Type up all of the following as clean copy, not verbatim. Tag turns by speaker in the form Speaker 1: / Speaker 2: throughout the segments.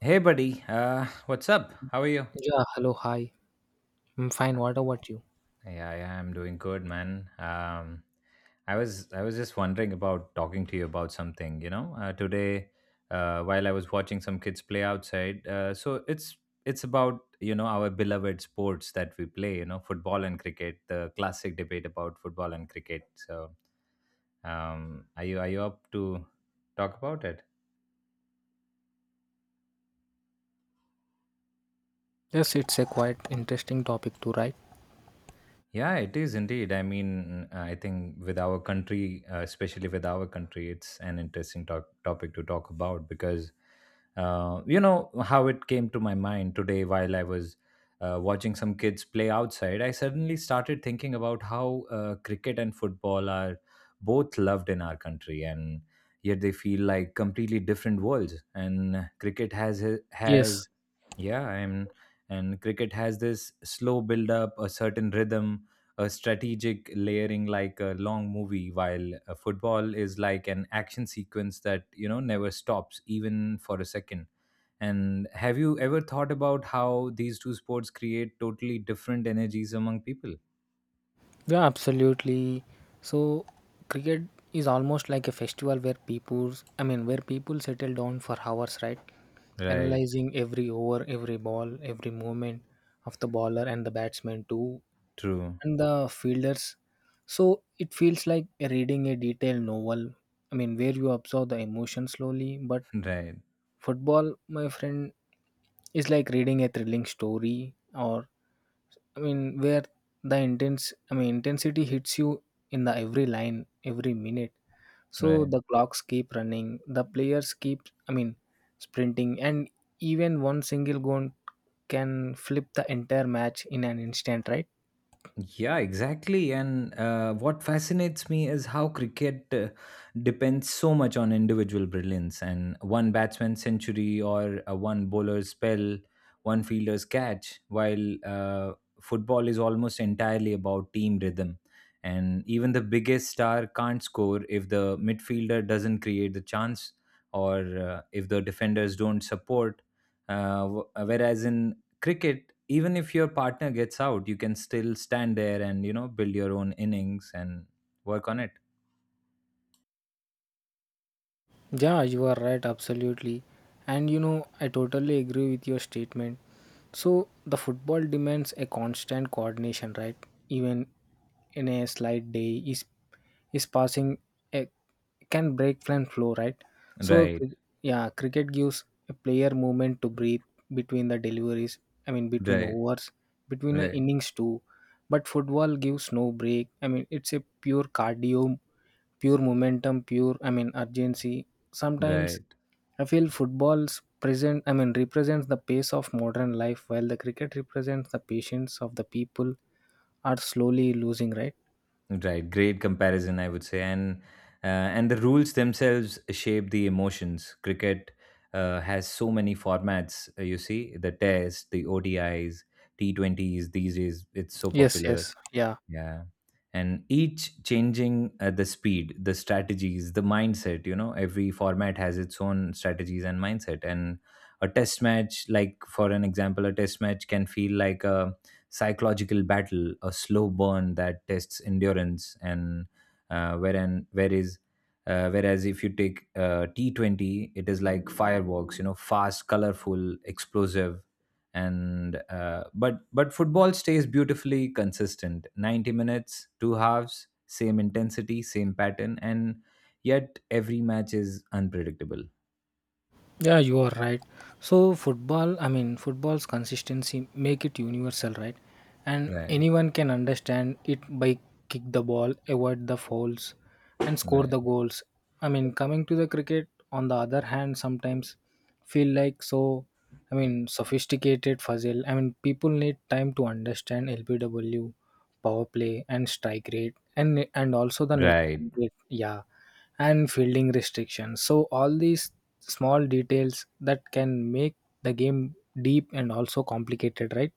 Speaker 1: Hey, buddy. What's up? How are you?
Speaker 2: Yeah, hello, hi. I'm fine. What about you?
Speaker 1: Yeah, yeah, I'm doing good, man. I was just wondering about talking to you about something. Today, while I was watching some kids play outside, it's about our beloved sports that we play. You know, football and cricket. The classic debate about football and cricket. Are you up to talk about it?
Speaker 2: Yes, it's a quite interesting topic too, right?
Speaker 1: Yeah, it is indeed. I mean, I think with our country, especially with our country, it's an interesting topic to talk about because, you know, how it came to my mind today while I was watching some kids play outside, I suddenly started thinking about how cricket and football are both loved in our country, and yet they feel like completely different worlds. And cricket has,
Speaker 2: Yes.
Speaker 1: yeah, and, and cricket has this slow build up, a certain rhythm, a strategic layering like a long movie, while football is like an action sequence that, you know, never stops even for a second. And have you ever thought about how these two sports create totally different energies among people?
Speaker 2: Yeah, absolutely. So, cricket is almost like a festival where people settle down for hours, right?
Speaker 1: Right.
Speaker 2: Analyzing every over, every ball, every movement of the bowler and the batsman too,
Speaker 1: True.
Speaker 2: and the fielders. So, it feels like reading a detailed novel. I mean, where you observe the emotion slowly but
Speaker 1: Right.
Speaker 2: football, my friend, is like reading a thrilling story, or I mean, where the intensity hits you in the every line, every minute. So
Speaker 1: Right.
Speaker 2: the clocks keep running, the players keep, I mean, sprinting, and even one single goal can flip the entire match in an instant, right?
Speaker 1: Yeah, exactly. And what fascinates me is how cricket depends so much on individual brilliance and one batsman's century or a one bowler's spell, one fielder's catch, while football is almost entirely about team rhythm. And even the biggest star can't score if the midfielder doesn't create the chance or if the defenders don't support. Whereas in cricket, even if your partner gets out, you can still stand there and, you know, build your own innings and work on it.
Speaker 2: Yeah, you are right, absolutely. And you know, I totally agree with your statement. So, the football demands a constant coordination, right? Even in a slight day, is passing a, can break plan flow, right? So,
Speaker 1: Right.
Speaker 2: yeah, cricket gives a player movement to breathe between the deliveries, I mean, between
Speaker 1: Right.
Speaker 2: overs, between the
Speaker 1: Right.
Speaker 2: innings, too. But football gives no break. I mean, it's a pure cardio pure momentum, pure I mean urgency. Sometimes
Speaker 1: Right.
Speaker 2: I feel football's present I mean represents the pace of modern life while the cricket represents the patience of the people are slowly losing, right?
Speaker 1: Right, great comparison, I would say. And and the rules themselves shape the emotions. Cricket has so many formats, you see, the test, the ODIs, T20s these days, it's so
Speaker 2: Yes,
Speaker 1: popular.
Speaker 2: yes. Yeah.
Speaker 1: Yeah. And each changing the speed, the strategies, the mindset, you know, every format has its own strategies and mindset. And a test match, like for an example, a test match can feel like a psychological battle, a slow burn that tests endurance. And uh, wherein, where is, whereas if you take T20, it is like fireworks, you know, fast, colorful, explosive. And but football stays beautifully consistent. 90 minutes, two halves, same intensity, same pattern, and yet every match is unpredictable.
Speaker 2: Yeah, you are right. So football, I mean football's consistency make it universal, right? And
Speaker 1: Right.
Speaker 2: anyone can understand it by kick the ball, avoid the fouls, and score the
Speaker 1: Right.
Speaker 2: goals. I mean, coming to the cricket, on the other hand, sometimes feel like so. I mean, sophisticated puzzle. I mean, people need time to understand LBW, power play, and strike rate, and also the net.
Speaker 1: Right.
Speaker 2: Rate. Yeah and fielding restrictions. So all these small details that can make the game deep and also complicated, right?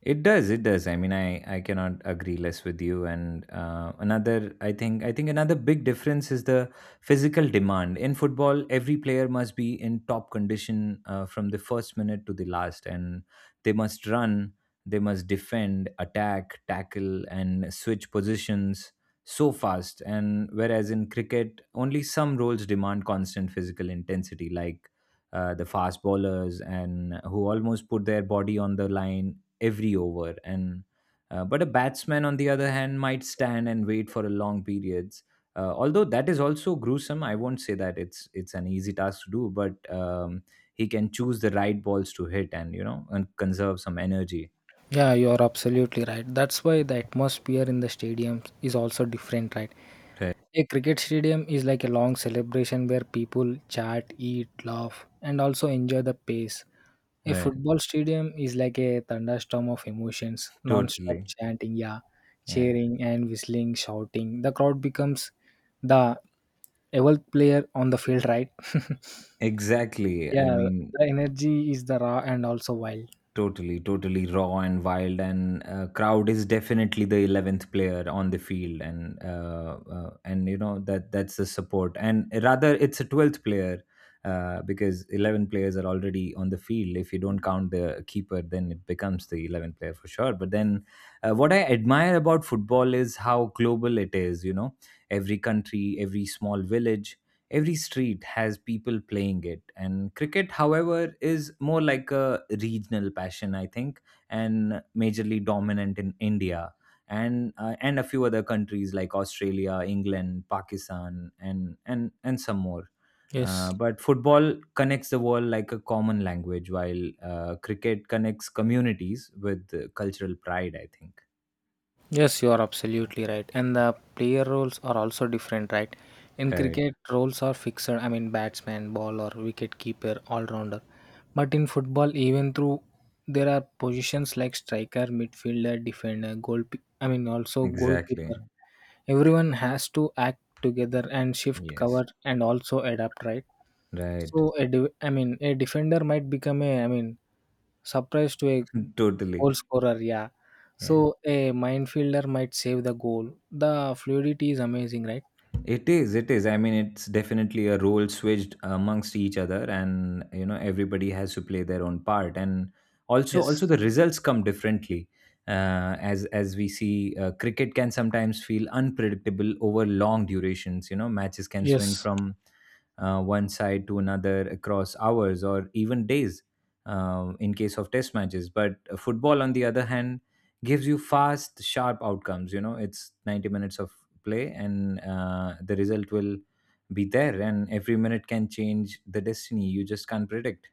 Speaker 1: It does, it does. I mean, I cannot agree less with you. And I think another big difference is the physical demand in football. Every player must be in top condition from the first minute to the last, and they must run, they must defend, attack, tackle, and switch positions so fast. And whereas in cricket, only some roles demand constant physical intensity, like. The fast bowlers and who almost put their body on the line every over. And but a batsman on the other hand might stand and wait for a long periods. Although that is also gruesome, I won't say that it's an easy task to do, but he can choose the right balls to hit and, you know, and conserve some energy.
Speaker 2: Yeah, you're absolutely right. That's why the atmosphere in the stadium is also different, right?
Speaker 1: Right.
Speaker 2: A cricket stadium is like a long celebration where people chat, eat, laugh, and also enjoy the pace. A
Speaker 1: Right.
Speaker 2: football stadium is like a thunderstorm of emotions, non-stop
Speaker 1: Totally.
Speaker 2: chanting, yeah,
Speaker 1: Yeah.
Speaker 2: cheering and whistling, shouting. The crowd becomes the evolved player on the field, right?
Speaker 1: Exactly, I
Speaker 2: Yeah,
Speaker 1: mean.
Speaker 2: the energy is the raw and also wild.
Speaker 1: Totally, totally raw and wild, and crowd is definitely the 11th player on the field, and you know, that that's the support, and rather it's a 12th player, because 11 players are already on the field. If you don't count the keeper, then it becomes the 11th player for sure. But then, what I admire about football is how global it is. You know, every country, every small village, every street has people playing it. And cricket, however, is more like a regional passion, I think, and majorly dominant in India, and and a few other countries like Australia, England, Pakistan, and some more.
Speaker 2: Yes.
Speaker 1: But football connects the world like a common language, while cricket connects communities with cultural pride, I think.
Speaker 2: Yes, you are absolutely right. And the player roles are also different, right? In
Speaker 1: Right.
Speaker 2: cricket, roles are fixed. I mean, batsman, bowler, wicket keeper, all rounder. But in football, even through there are positions like striker, midfielder, defender, goal. I mean, also
Speaker 1: Exactly.
Speaker 2: goalkeeper. Everyone has to act together and shift
Speaker 1: Yes.
Speaker 2: cover and also adapt, right? So
Speaker 1: Right.
Speaker 2: a a defender might become a I mean, surprise to a
Speaker 1: Totally.
Speaker 2: goal scorer, yeah.
Speaker 1: Yeah.
Speaker 2: So a minefielder might save the goal. The fluidity is amazing, right?
Speaker 1: It is, it is. I mean, it's definitely a role switched amongst each other, and you know, everybody has to play their own part. And also,
Speaker 2: Yes.
Speaker 1: also the results come differently. As we see, cricket can sometimes feel unpredictable over long durations. You know, matches can swing
Speaker 2: Yes.
Speaker 1: from one side to another across hours or even days. In case of test matches. But football, on the other hand, gives you fast sharp outcomes. You know, it's 90 minutes of play, and the result will be there, and every minute can change the destiny. You just can't predict.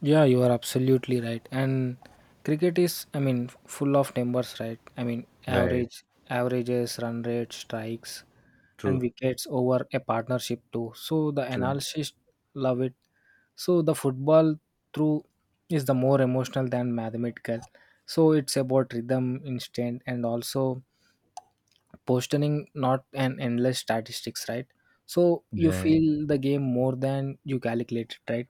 Speaker 2: Yeah, you are absolutely right. And cricket is, I mean, full of numbers, right? I mean,
Speaker 1: Right.
Speaker 2: average, averages, run rate, strikes, and
Speaker 1: True.
Speaker 2: wickets over a partnership too. So the
Speaker 1: True.
Speaker 2: analysis love it. So the football through is the more emotional than mathematical. So it's about rhythm, instinct, and also postering not an endless statistics, right? So you
Speaker 1: Right.
Speaker 2: feel the game more than you calculate it, right?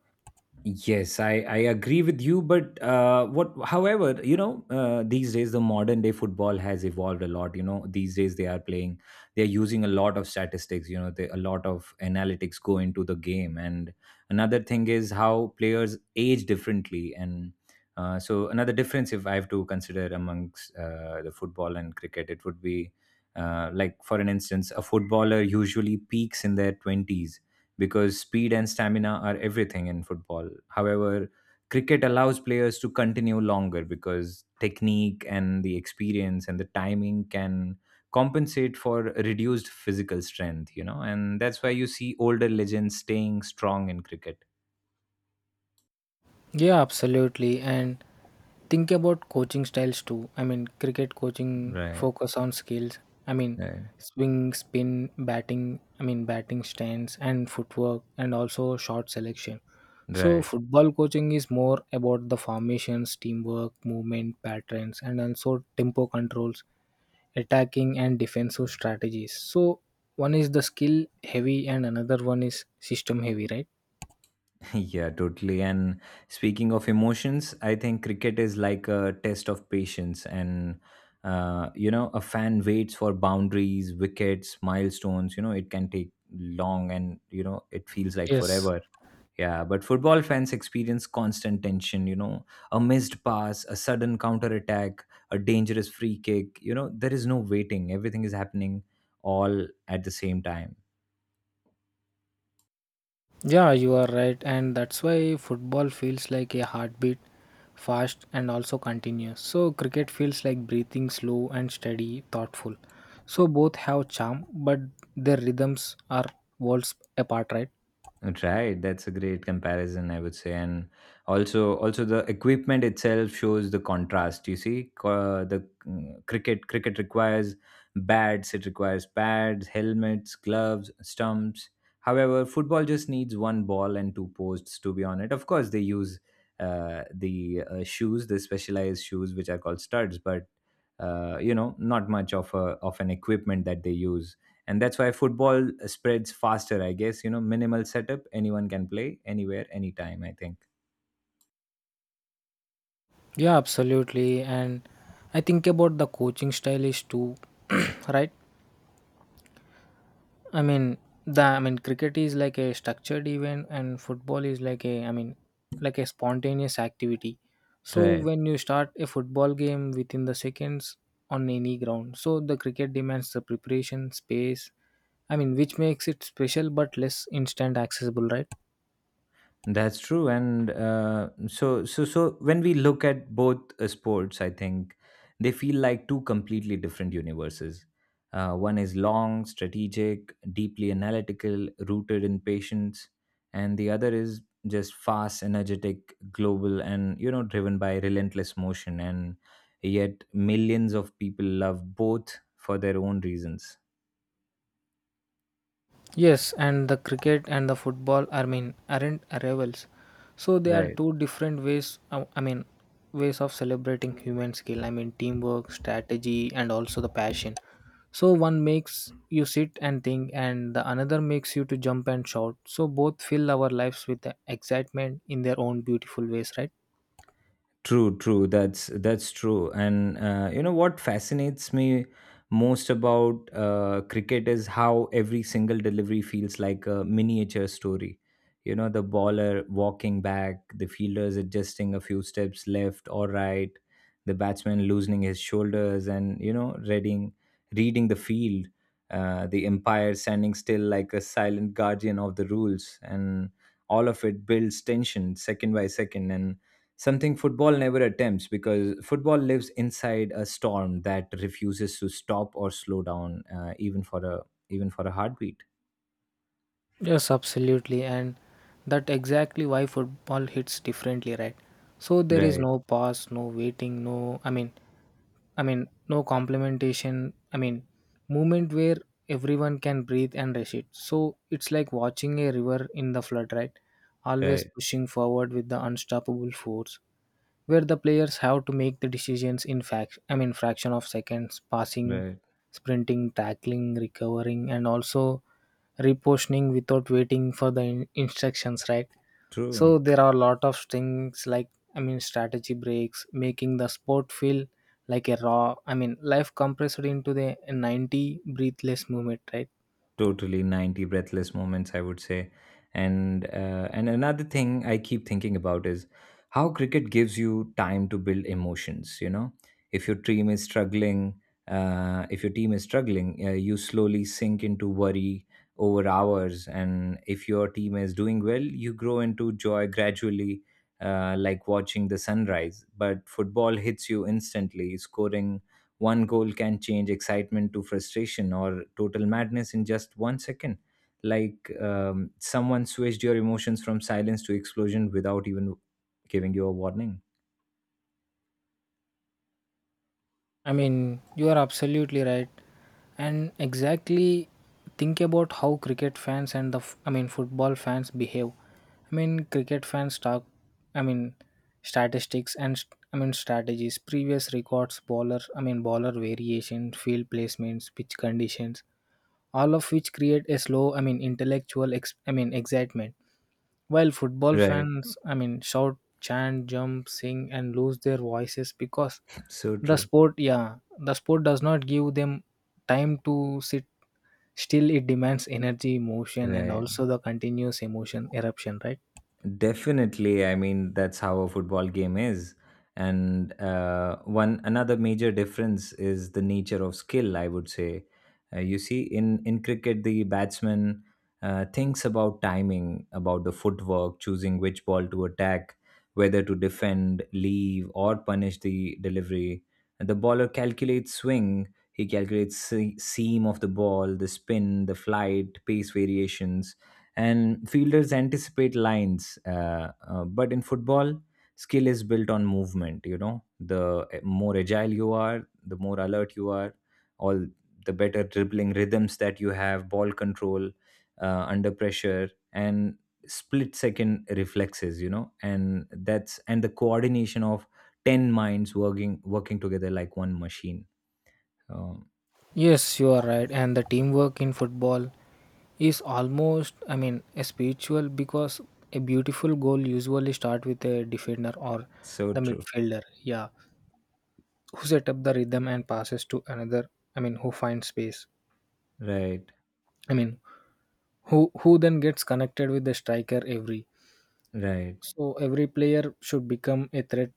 Speaker 1: Yes, I agree with you, but what? However, you know, these days the modern day football has evolved a lot. You know, these days they are playing, they are using a lot of statistics. You know, they, a lot of analytics go into the game. And another thing is how players age differently. And so another difference if I have to consider amongst the football and cricket, it would be like for an instance, a footballer usually peaks in their twenties because speed and stamina are everything in football. However, cricket allows players to continue longer because technique and the experience and the timing can compensate for reduced physical strength, you know, and that's why you see older legends staying strong in cricket.
Speaker 2: Yeah, absolutely. And think about coaching styles too. I mean, cricket coaching
Speaker 1: Right.
Speaker 2: focus on skills. I mean,
Speaker 1: Right.
Speaker 2: swing, spin, batting. I mean, batting stance and footwork, and also shot selection. So
Speaker 1: Right.
Speaker 2: football coaching is more about the formations, teamwork, movement patterns, and also tempo controls attacking and defensive strategies. So one is the skill heavy and another one is system heavy, right?
Speaker 1: Yeah, totally. And speaking of emotions, I think cricket is like a test of patience. And you know, a fan waits for boundaries, wickets, milestones. You know, it can take long, and you know, it feels like
Speaker 2: Yes.
Speaker 1: forever. Yeah, but football fans experience constant tension, you know, a missed pass, a sudden counter attack, a dangerous free kick. You know, there is no waiting, everything is happening all at the same time.
Speaker 2: Yeah, you are right, and that's why football feels like a heartbeat, fast and also continuous. So cricket feels like breathing slow and steady, thoughtful. So both have charm, but their rhythms are worlds apart, right?
Speaker 1: Right, that's a great comparison, I would say. And also, also the equipment itself shows the contrast. You see, the mm, cricket cricket requires bats, it requires pads, helmets, gloves, stumps. However, football just needs one ball and two posts to be on it. Of course, they use the shoes, the specialized shoes which are called studs. But you know, not much of a of an equipment that they use. And that's why football spreads faster, I guess. You know, minimal setup, anyone can play anywhere, anytime, I think.
Speaker 2: Yeah, absolutely. And I think about the coaching style is too, right? I mean the I mean cricket is like a structured event and football is like a I mean like a spontaneous activity. So
Speaker 1: Right.
Speaker 2: when you start a football game within the seconds on any ground, so the cricket demands the preparation, space, I mean which makes it special but less instant accessible, right?
Speaker 1: That's true. And so when we look at both sports, I think they feel like two completely different universes. One is long, strategic, deeply analytical, rooted in patience, and the other is just fast, energetic, global, and you know, driven by relentless motion. And yet, millions of people love both for their own reasons.
Speaker 2: Yes, and the cricket and the football, I mean, aren't rivals. So they are
Speaker 1: Right.
Speaker 2: two different ways. I mean, ways of celebrating human skill. I mean, teamwork, strategy, and also the passion. So one makes you sit and think, and the another makes you to jump and shout. So both fill our lives with the excitement in their own beautiful ways, right?
Speaker 1: True, true. That's true. And you know what fascinates me most about cricket is how every single delivery feels like a miniature story. You know, the bowler walking back, the fielders adjusting a few steps left or right, the batsman loosening his shoulders, and you know, reading the field. The umpire standing still like a silent guardian of the rules, and all of it builds tension second by second. And something football never attempts, because football lives inside a storm that refuses to stop or slow down, even for a heartbeat.
Speaker 2: Yes, absolutely, and that exactly why football hits differently, right? So there is
Speaker 1: Right.
Speaker 2: no pause, no waiting, no. I mean, no complementation. I mean, movement where everyone can breathe and rush it. So it's like watching a river in the flood, right? Always
Speaker 1: Right.
Speaker 2: pushing forward with the unstoppable force, where the players have to make the decisions in fact. I mean, fraction of seconds, passing,
Speaker 1: Right.
Speaker 2: sprinting, tackling, recovering, and also repositioning without waiting for the instructions, right?
Speaker 1: True.
Speaker 2: So there are a lot of things like I mean, strategy breaks, making the sport feel like a raw I mean life compressed into the 90 breathless moment, right?
Speaker 1: Totally, 90 breathless moments, I would say. And another thing I keep thinking about is how cricket gives you time to build emotions. You know, if your team is struggling, if your team is struggling you slowly sink into worry over hours. And if your team is doing well, you grow into joy gradually, like watching the sunrise. But football hits you instantly. Scoring one goal can change excitement to frustration or total madness in just 1 second. Like someone switched your emotions from silence to explosion without even giving you a warning.
Speaker 2: I mean you are absolutely right and exactly think about how cricket fans and the I mean football fans behave. I mean cricket fans talk I mean statistics and I mean strategies previous records bowler I mean bowler variation field placements pitch conditions, all of which create a slow I mean intellectual I mean excitement. While football
Speaker 1: Right.
Speaker 2: fans, I mean, shout, chant, jump, sing, and lose their voices because
Speaker 1: So
Speaker 2: the
Speaker 1: true.
Speaker 2: sport, yeah, the sport does not give them time to sit still. It demands energy, motion, and
Speaker 1: Right.
Speaker 2: also the continuous emotion eruption, right?
Speaker 1: Definitely, I mean that's how a football game is. And one another major difference is the nature of skill, I would say. You see, in cricket, the batsman thinks about timing, about the footwork, choosing which ball to attack, whether to defend, leave, or punish the delivery. And the bowler calculates swing. He calculates seam of the ball, the spin, the flight, pace variations, and fielders anticipate lines. But in football, skill is built on movement. You know, the more agile you are, the more alert you are, all the better dribbling rhythms that you have, ball control under pressure, and split second reflexes. You know, and that's and the coordination of ten minds working together like one machine. Um,
Speaker 2: Yes, you are right. And the teamwork in football is almost, I mean, a spiritual because a beautiful goal usually start with a defender or
Speaker 1: so
Speaker 2: the
Speaker 1: true.
Speaker 2: midfielder. Yeah, who set up the rhythm and passes to another I mean who finds space
Speaker 1: Right.
Speaker 2: I mean who then gets connected with the striker. Every
Speaker 1: Right.
Speaker 2: so every player should become a threat,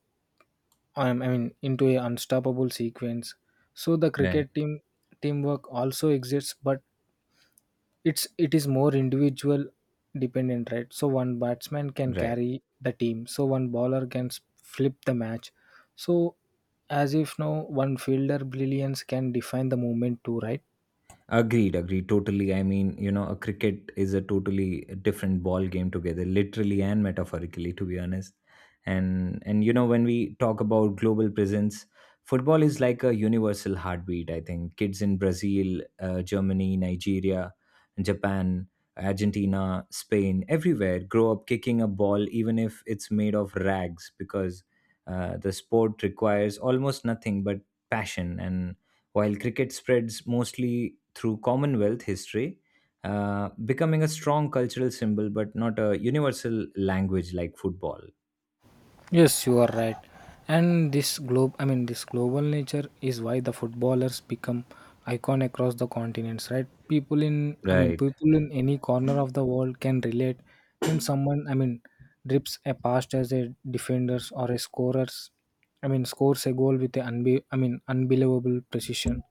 Speaker 2: I mean into a unstoppable sequence. So the
Speaker 1: Right.
Speaker 2: cricket team teamwork also exists but it is more individual dependent right so one batsman can
Speaker 1: Right.
Speaker 2: carry the team so one bowler can flip the match, so as if now one fielder brilliance can define the movement too, right?
Speaker 1: Agreed, agreed, totally. I mean, you know, a cricket is a totally different ball game together, literally and metaphorically, to be honest. And you know, when we talk about global presence, football is like a universal heartbeat. I think kids in Brazil, Germany, Nigeria, Japan, Argentina, Spain, everywhere grow up kicking a ball, even if it's made of rags, because the sport requires almost nothing but passion. And while cricket spreads mostly through Commonwealth history, becoming a strong cultural symbol but not a universal language like football.
Speaker 2: Yes, you are right. And this globe, I mean, this global nature is why the footballers become icon across the continents, right? People in, I mean,
Speaker 1: Right,
Speaker 2: people in any corner of the world can relate when someone, I mean, drips a pass as a defenders or a scorers, I mean, scores a goal with a I mean, unbelievable precision,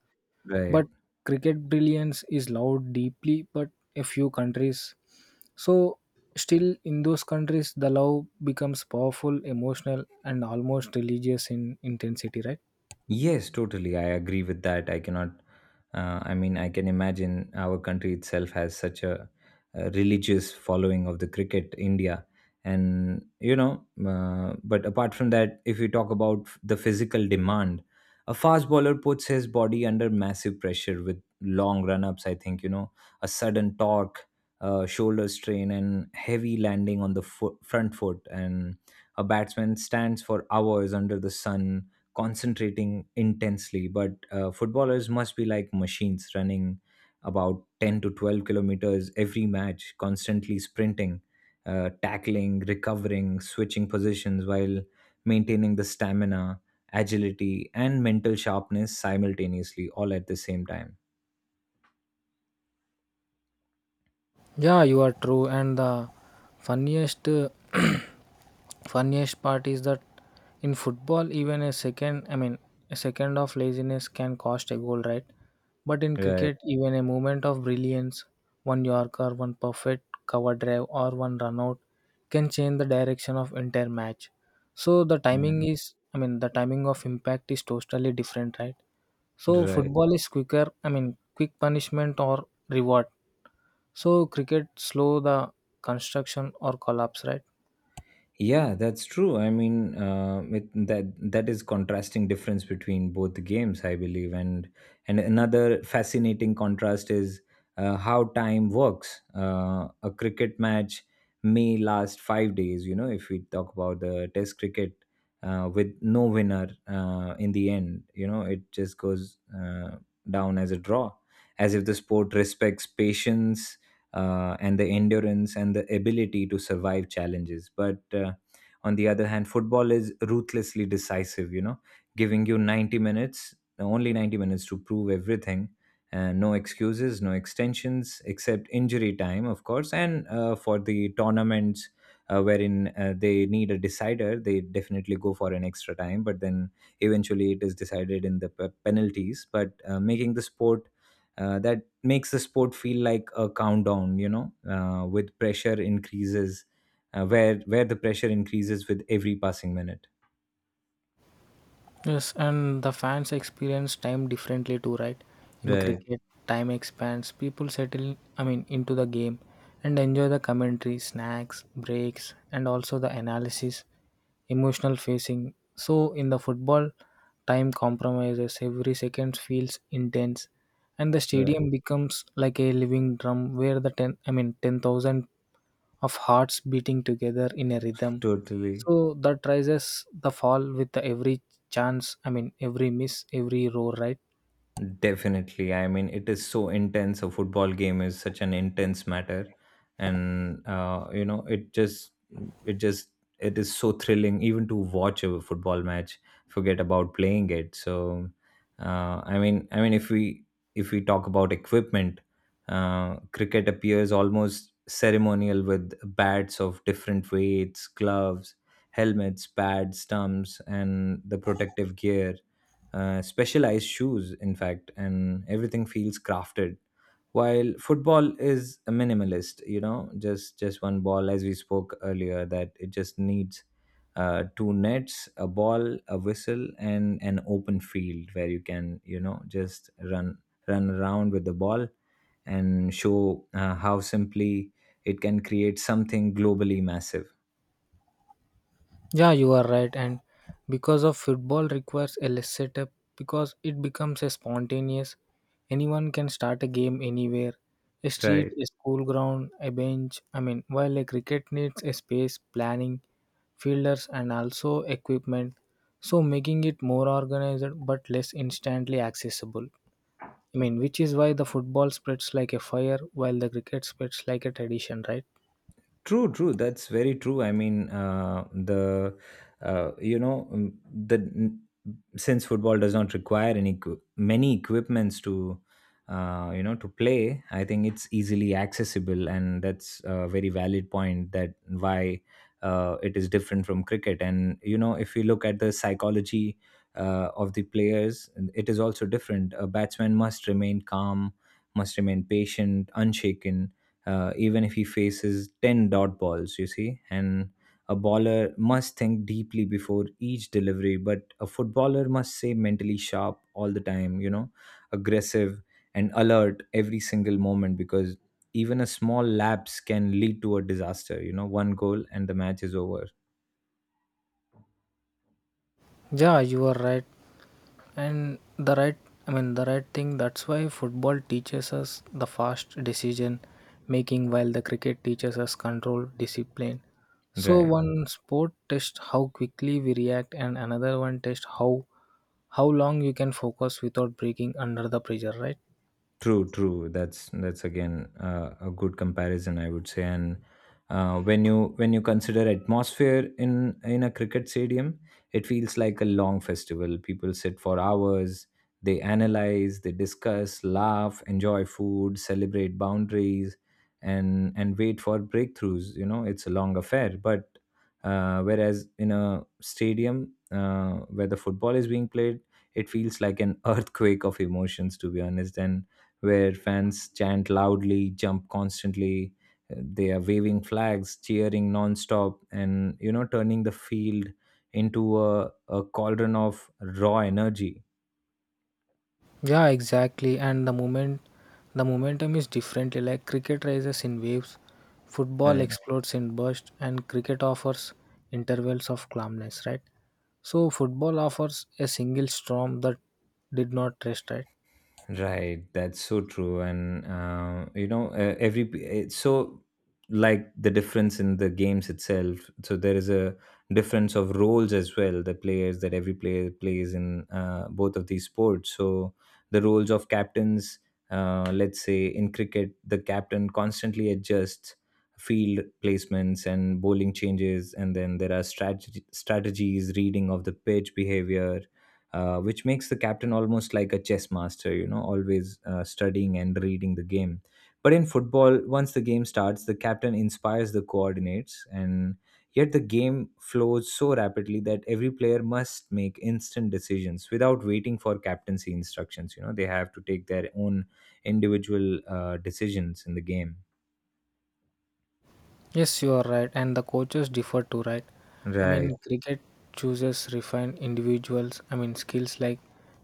Speaker 2: but
Speaker 1: right.
Speaker 2: cricket brilliance is loved deeply but a few countries, so still in those countries the love becomes powerful emotional and almost religious in intensity, right?
Speaker 1: Yes, totally. I agree with that. I cannot, I mean, I can imagine our country itself has such a religious following of the cricket, India. And, you know, but apart from that, if you talk about the physical demand, a fast bowler puts his body under massive pressure with long run ups, I think, you know, a sudden torque, shoulder strain, and heavy landing on the front foot. And a batsman stands for hours under the sun concentrating intensely, but footballers must be like machines running about 10 to 12 kilometers every match, constantly sprinting, tackling, recovering, switching positions while maintaining the stamina, agility, and mental sharpness simultaneously all at the same time.
Speaker 2: Yeah, you are true. And the funniest, funniest part is that in football, even a second of laziness can cost a goal, right? But in
Speaker 1: Right.
Speaker 2: cricket, even a moment of brilliance, one Yorker, one perfect cover drive, or one run out can change the direction of entire match. So the timing
Speaker 1: Man.
Speaker 2: is, the timing of impact is totally different, right? So
Speaker 1: Right.
Speaker 2: football is quicker, I mean, quick punishment or reward so cricket slow the construction or collapse, right?
Speaker 1: Yeah, that's true. I mean, that is contrasting difference between both the games, I believe. And another fascinating contrast is how time works. A cricket match may last 5 days, you know, if we talk about the Test cricket, with no winner in the end. You know, it just goes down as a draw, as if the sport respects patience and the endurance and the ability to survive challenges. But on the other hand, football is ruthlessly decisive, you know, giving you 90 minutes, only 90 minutes to prove everything. And no excuses, no extensions, except injury time, of course. And for the tournaments wherein they need a decider, they definitely go for an extra time. But then eventually it is decided in the penalties. But making the sport That makes the sport feel like a countdown, you know, with pressure increases where the pressure increases with every passing minute.
Speaker 2: Yes, and the fans experience time differently too, right? In
Speaker 1: Right.
Speaker 2: cricket, time expands, people settle, I mean, into the game and enjoy the commentary, snacks, breaks, and also the analysis, emotional facing. So in the football, time compromises, every second feels intense, and the
Speaker 1: Right.
Speaker 2: stadium becomes like a living drum where the 10,000 of hearts beating together in a rhythm.
Speaker 1: Totally.
Speaker 2: So that rises the fall with the every chance, I mean, every miss, every row, right?
Speaker 1: Definitely. I mean, it is so intense. A football game is such an intense matter, and you know, it just, it is so thrilling even to watch a football match. Forget about playing it. So, I mean, if we talk about equipment, cricket appears almost ceremonial with bats of different weights, gloves, helmets, pads, stumps, and the protective gear, specialized shoes, in fact, and everything feels crafted. While football is a minimalist, you know, just one ball, as we spoke earlier, that it just needs two nets, a ball, a whistle, and an open field where you can, you know, just run around with the ball and show how simply it can create something globally massive.
Speaker 2: Yeah, you are right. And because of football requires a less setup because it becomes a spontaneous. Anyone can start a game anywhere. A street,
Speaker 1: Right.
Speaker 2: a school ground, a bench. I mean, while a cricket needs a space, planning, fielders, and also equipment. So making it more organized but less instantly accessible. I mean, which is why the football spreads like a fire while the cricket spreads like a tradition, right?
Speaker 1: True, true. That's very true. I mean, the you know the n- since football does not require many equipments to you know, to play. I think it's easily accessible, and that's a very valid point that why it is different from cricket. And you know, if you look at the psychology of the players, it is also different. A batsman must remain calm, must remain patient, unshaken even if he faces 10 dot balls, you see. And a bowler must think deeply before each delivery, but a footballer must stay mentally sharp all the time, you know, aggressive and alert every single moment because even a small lapse can lead to a disaster. You know, one goal and the match is over.
Speaker 2: Yeah, you are right. And the right, I mean, the right thing, that's why football teaches us the fast decision making while the cricket teaches us control, discipline. So
Speaker 1: Right.
Speaker 2: one sport tests how quickly we react and another one tests how long you can focus without breaking under the pressure, right?
Speaker 1: True, true. That's again a good comparison, I would say. And when you consider atmosphere in a cricket stadium, it feels like a long festival. People sit for hours. They analyze, they discuss, laugh, enjoy food, celebrate boundaries, and wait for breakthroughs. You know, it's a long affair. But whereas in a stadium where the football is being played, it feels like an earthquake of emotions, to be honest, and where fans chant loudly, jump constantly. They are waving flags, cheering nonstop, and you know, turning the field into a cauldron of raw energy.
Speaker 2: Yeah, exactly. And the momentum is differently like cricket rises in waves, football explodes in bursts, and cricket offers intervals of calmness, right? So football offers a single storm that did not rest, right?
Speaker 1: Right, that's so true. And you know, it's so like the difference in the games itself. So there is a difference of roles as well. The players that every player plays in both of these sports. So the roles of captains, let's say in cricket, the captain constantly adjusts field placements and bowling changes, and then there are strategies, reading of the pitch behavior, which makes the captain almost like a chess master, you know, always studying and reading the game. But in football, once the game starts, the captain inspires the coordinates, and yet the game flows so rapidly that every player must make instant decisions without waiting for captaincy instructions. You know, they have to take their own individual decisions in the game.
Speaker 2: Yes, you are right, and the coaches differ too, right? I mean,
Speaker 1: Right,
Speaker 2: cricket chooses refined individuals. I mean, skills like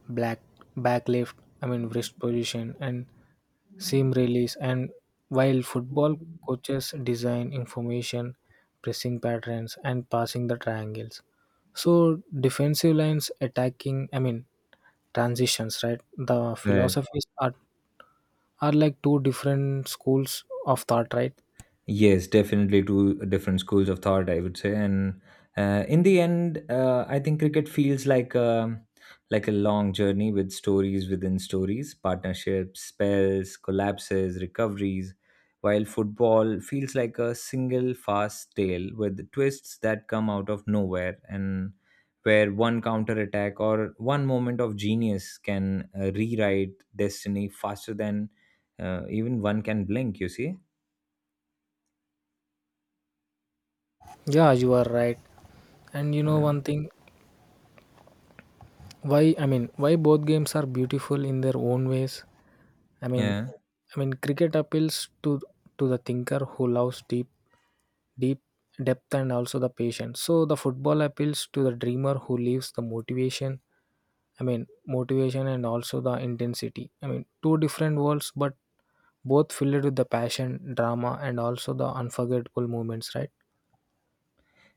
Speaker 2: black back left. I mean, wrist position and seam release and while football coaches design information pressing patterns and passing the triangles, so defensive lines attacking I mean transitions, right? The
Speaker 1: right.
Speaker 2: philosophies are like two different schools of thought, right?
Speaker 1: Yes, definitely two different schools of thought, I would say. And in the end, I think cricket feels like like a long journey with stories within stories, partnerships, spells, collapses, recoveries, while football feels like a single fast tale with twists that come out of nowhere, and where one counter attack or one moment of genius can rewrite destiny faster than even one can blink, you see?
Speaker 2: Yeah you are right and you know
Speaker 1: Yeah.
Speaker 2: one thing why I mean why both games are beautiful in their own ways I mean
Speaker 1: Yeah.
Speaker 2: I mean cricket appeals to the thinker who loves deep deep depth and also the patience so the football appeals to the dreamer who lives the motivation I mean motivation and also the intensity. I mean two different worlds but both filled with the passion drama and also the unforgettable moments, right?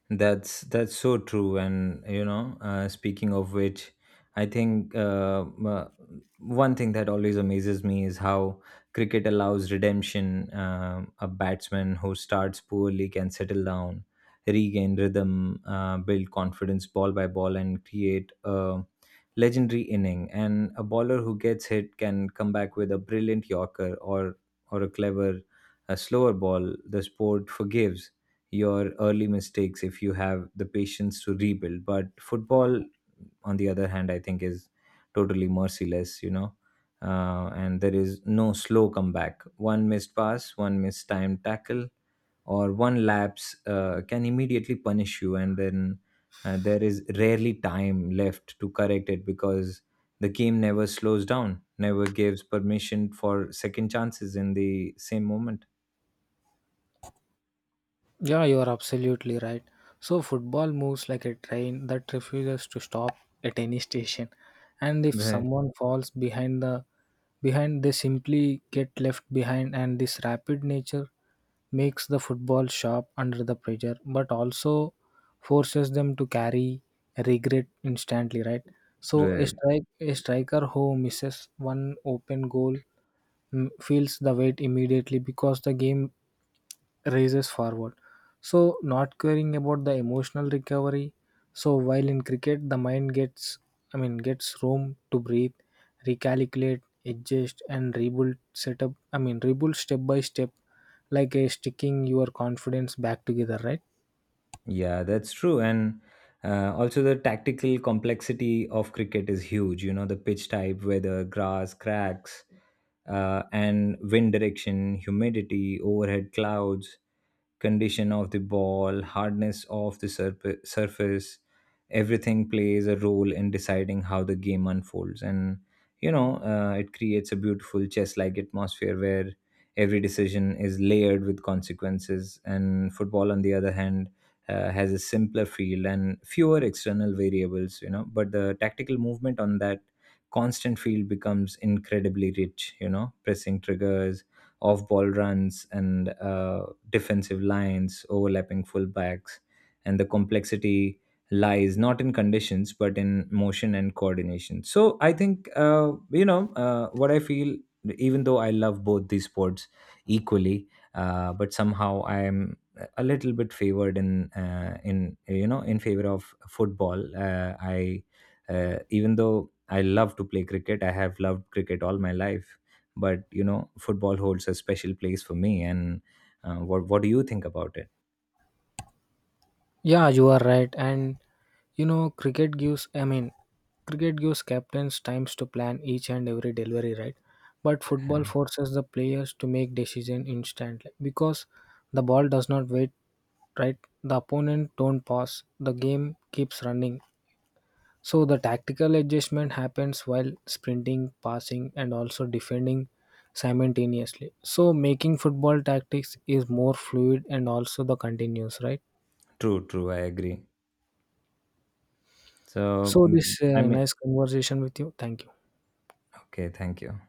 Speaker 1: That's so true. And you know, speaking of which, I think one thing that always amazes me is how cricket allows redemption. A batsman who starts poorly can settle down, regain rhythm, build confidence ball by ball, and create a legendary inning. And a bowler who gets hit can come back with a brilliant yorker or a clever, a slower ball. The sport forgives your early mistakes if you have the patience to rebuild. But football, on the other hand, I think is totally merciless, you know. And there is no slow comeback. One missed pass, one missed time tackle, or one lapse can immediately punish you, and then there is rarely time left to correct it because the game never slows down, never gives permission for second chances in the same moment.
Speaker 2: Yeah, you are absolutely right. So, football moves like a train that refuses to stop at any station. And if
Speaker 1: Right,
Speaker 2: someone falls behind they simply get left behind, and this rapid nature makes the football sharp under the pressure but also forces them to carry regret instantly, right? So a
Speaker 1: right.
Speaker 2: strike a striker who misses one open goal mm, feels the weight immediately because the game races forward. So, not caring about the emotional recovery. So, while in cricket, the mind gets, gets room to breathe, recalculate, adjust, and rebuild setup. I mean, rebuild step by step, like a sticking your confidence back together, right?
Speaker 1: Yeah, that's true. And also, the tactical complexity of cricket is huge. You know, the pitch type, weather, grass, cracks, and wind direction, humidity, overhead clouds, condition of the ball, hardness of the surface, everything plays a role in deciding how the game unfolds. And, you know, it creates a beautiful chess like atmosphere where every decision is layered with consequences. And football, on the other hand, has a simpler field and fewer external variables, you know, but the tactical movement on that constant field becomes incredibly rich. You know, pressing triggers, off ball runs, and defensive lines, overlapping fullbacks, and the complexity lies not in conditions but in motion and coordination. So I think what I feel. Even though I love both these sports equally, but somehow I am a little bit favored in you know, in favor of football. I Even though I love to play cricket, I have loved cricket all my life, but you know, football holds a special place for me. And what do you think about it?
Speaker 2: Yeah, you are right. And you know, cricket gives, captains times to plan each and every delivery, right? But
Speaker 1: Uh,
Speaker 2: football forces the players to make decision instantly because the ball does not wait, right? The opponent don't pass. The game keeps running. So the tactical adjustment happens while sprinting, passing, and also defending simultaneously. So making football tactics is more fluid and also the continuous, right?
Speaker 1: True, true, I agree. So
Speaker 2: So
Speaker 1: mm,
Speaker 2: this
Speaker 1: I mean,
Speaker 2: nice conversation with you. Thank you.
Speaker 1: okay, thank you.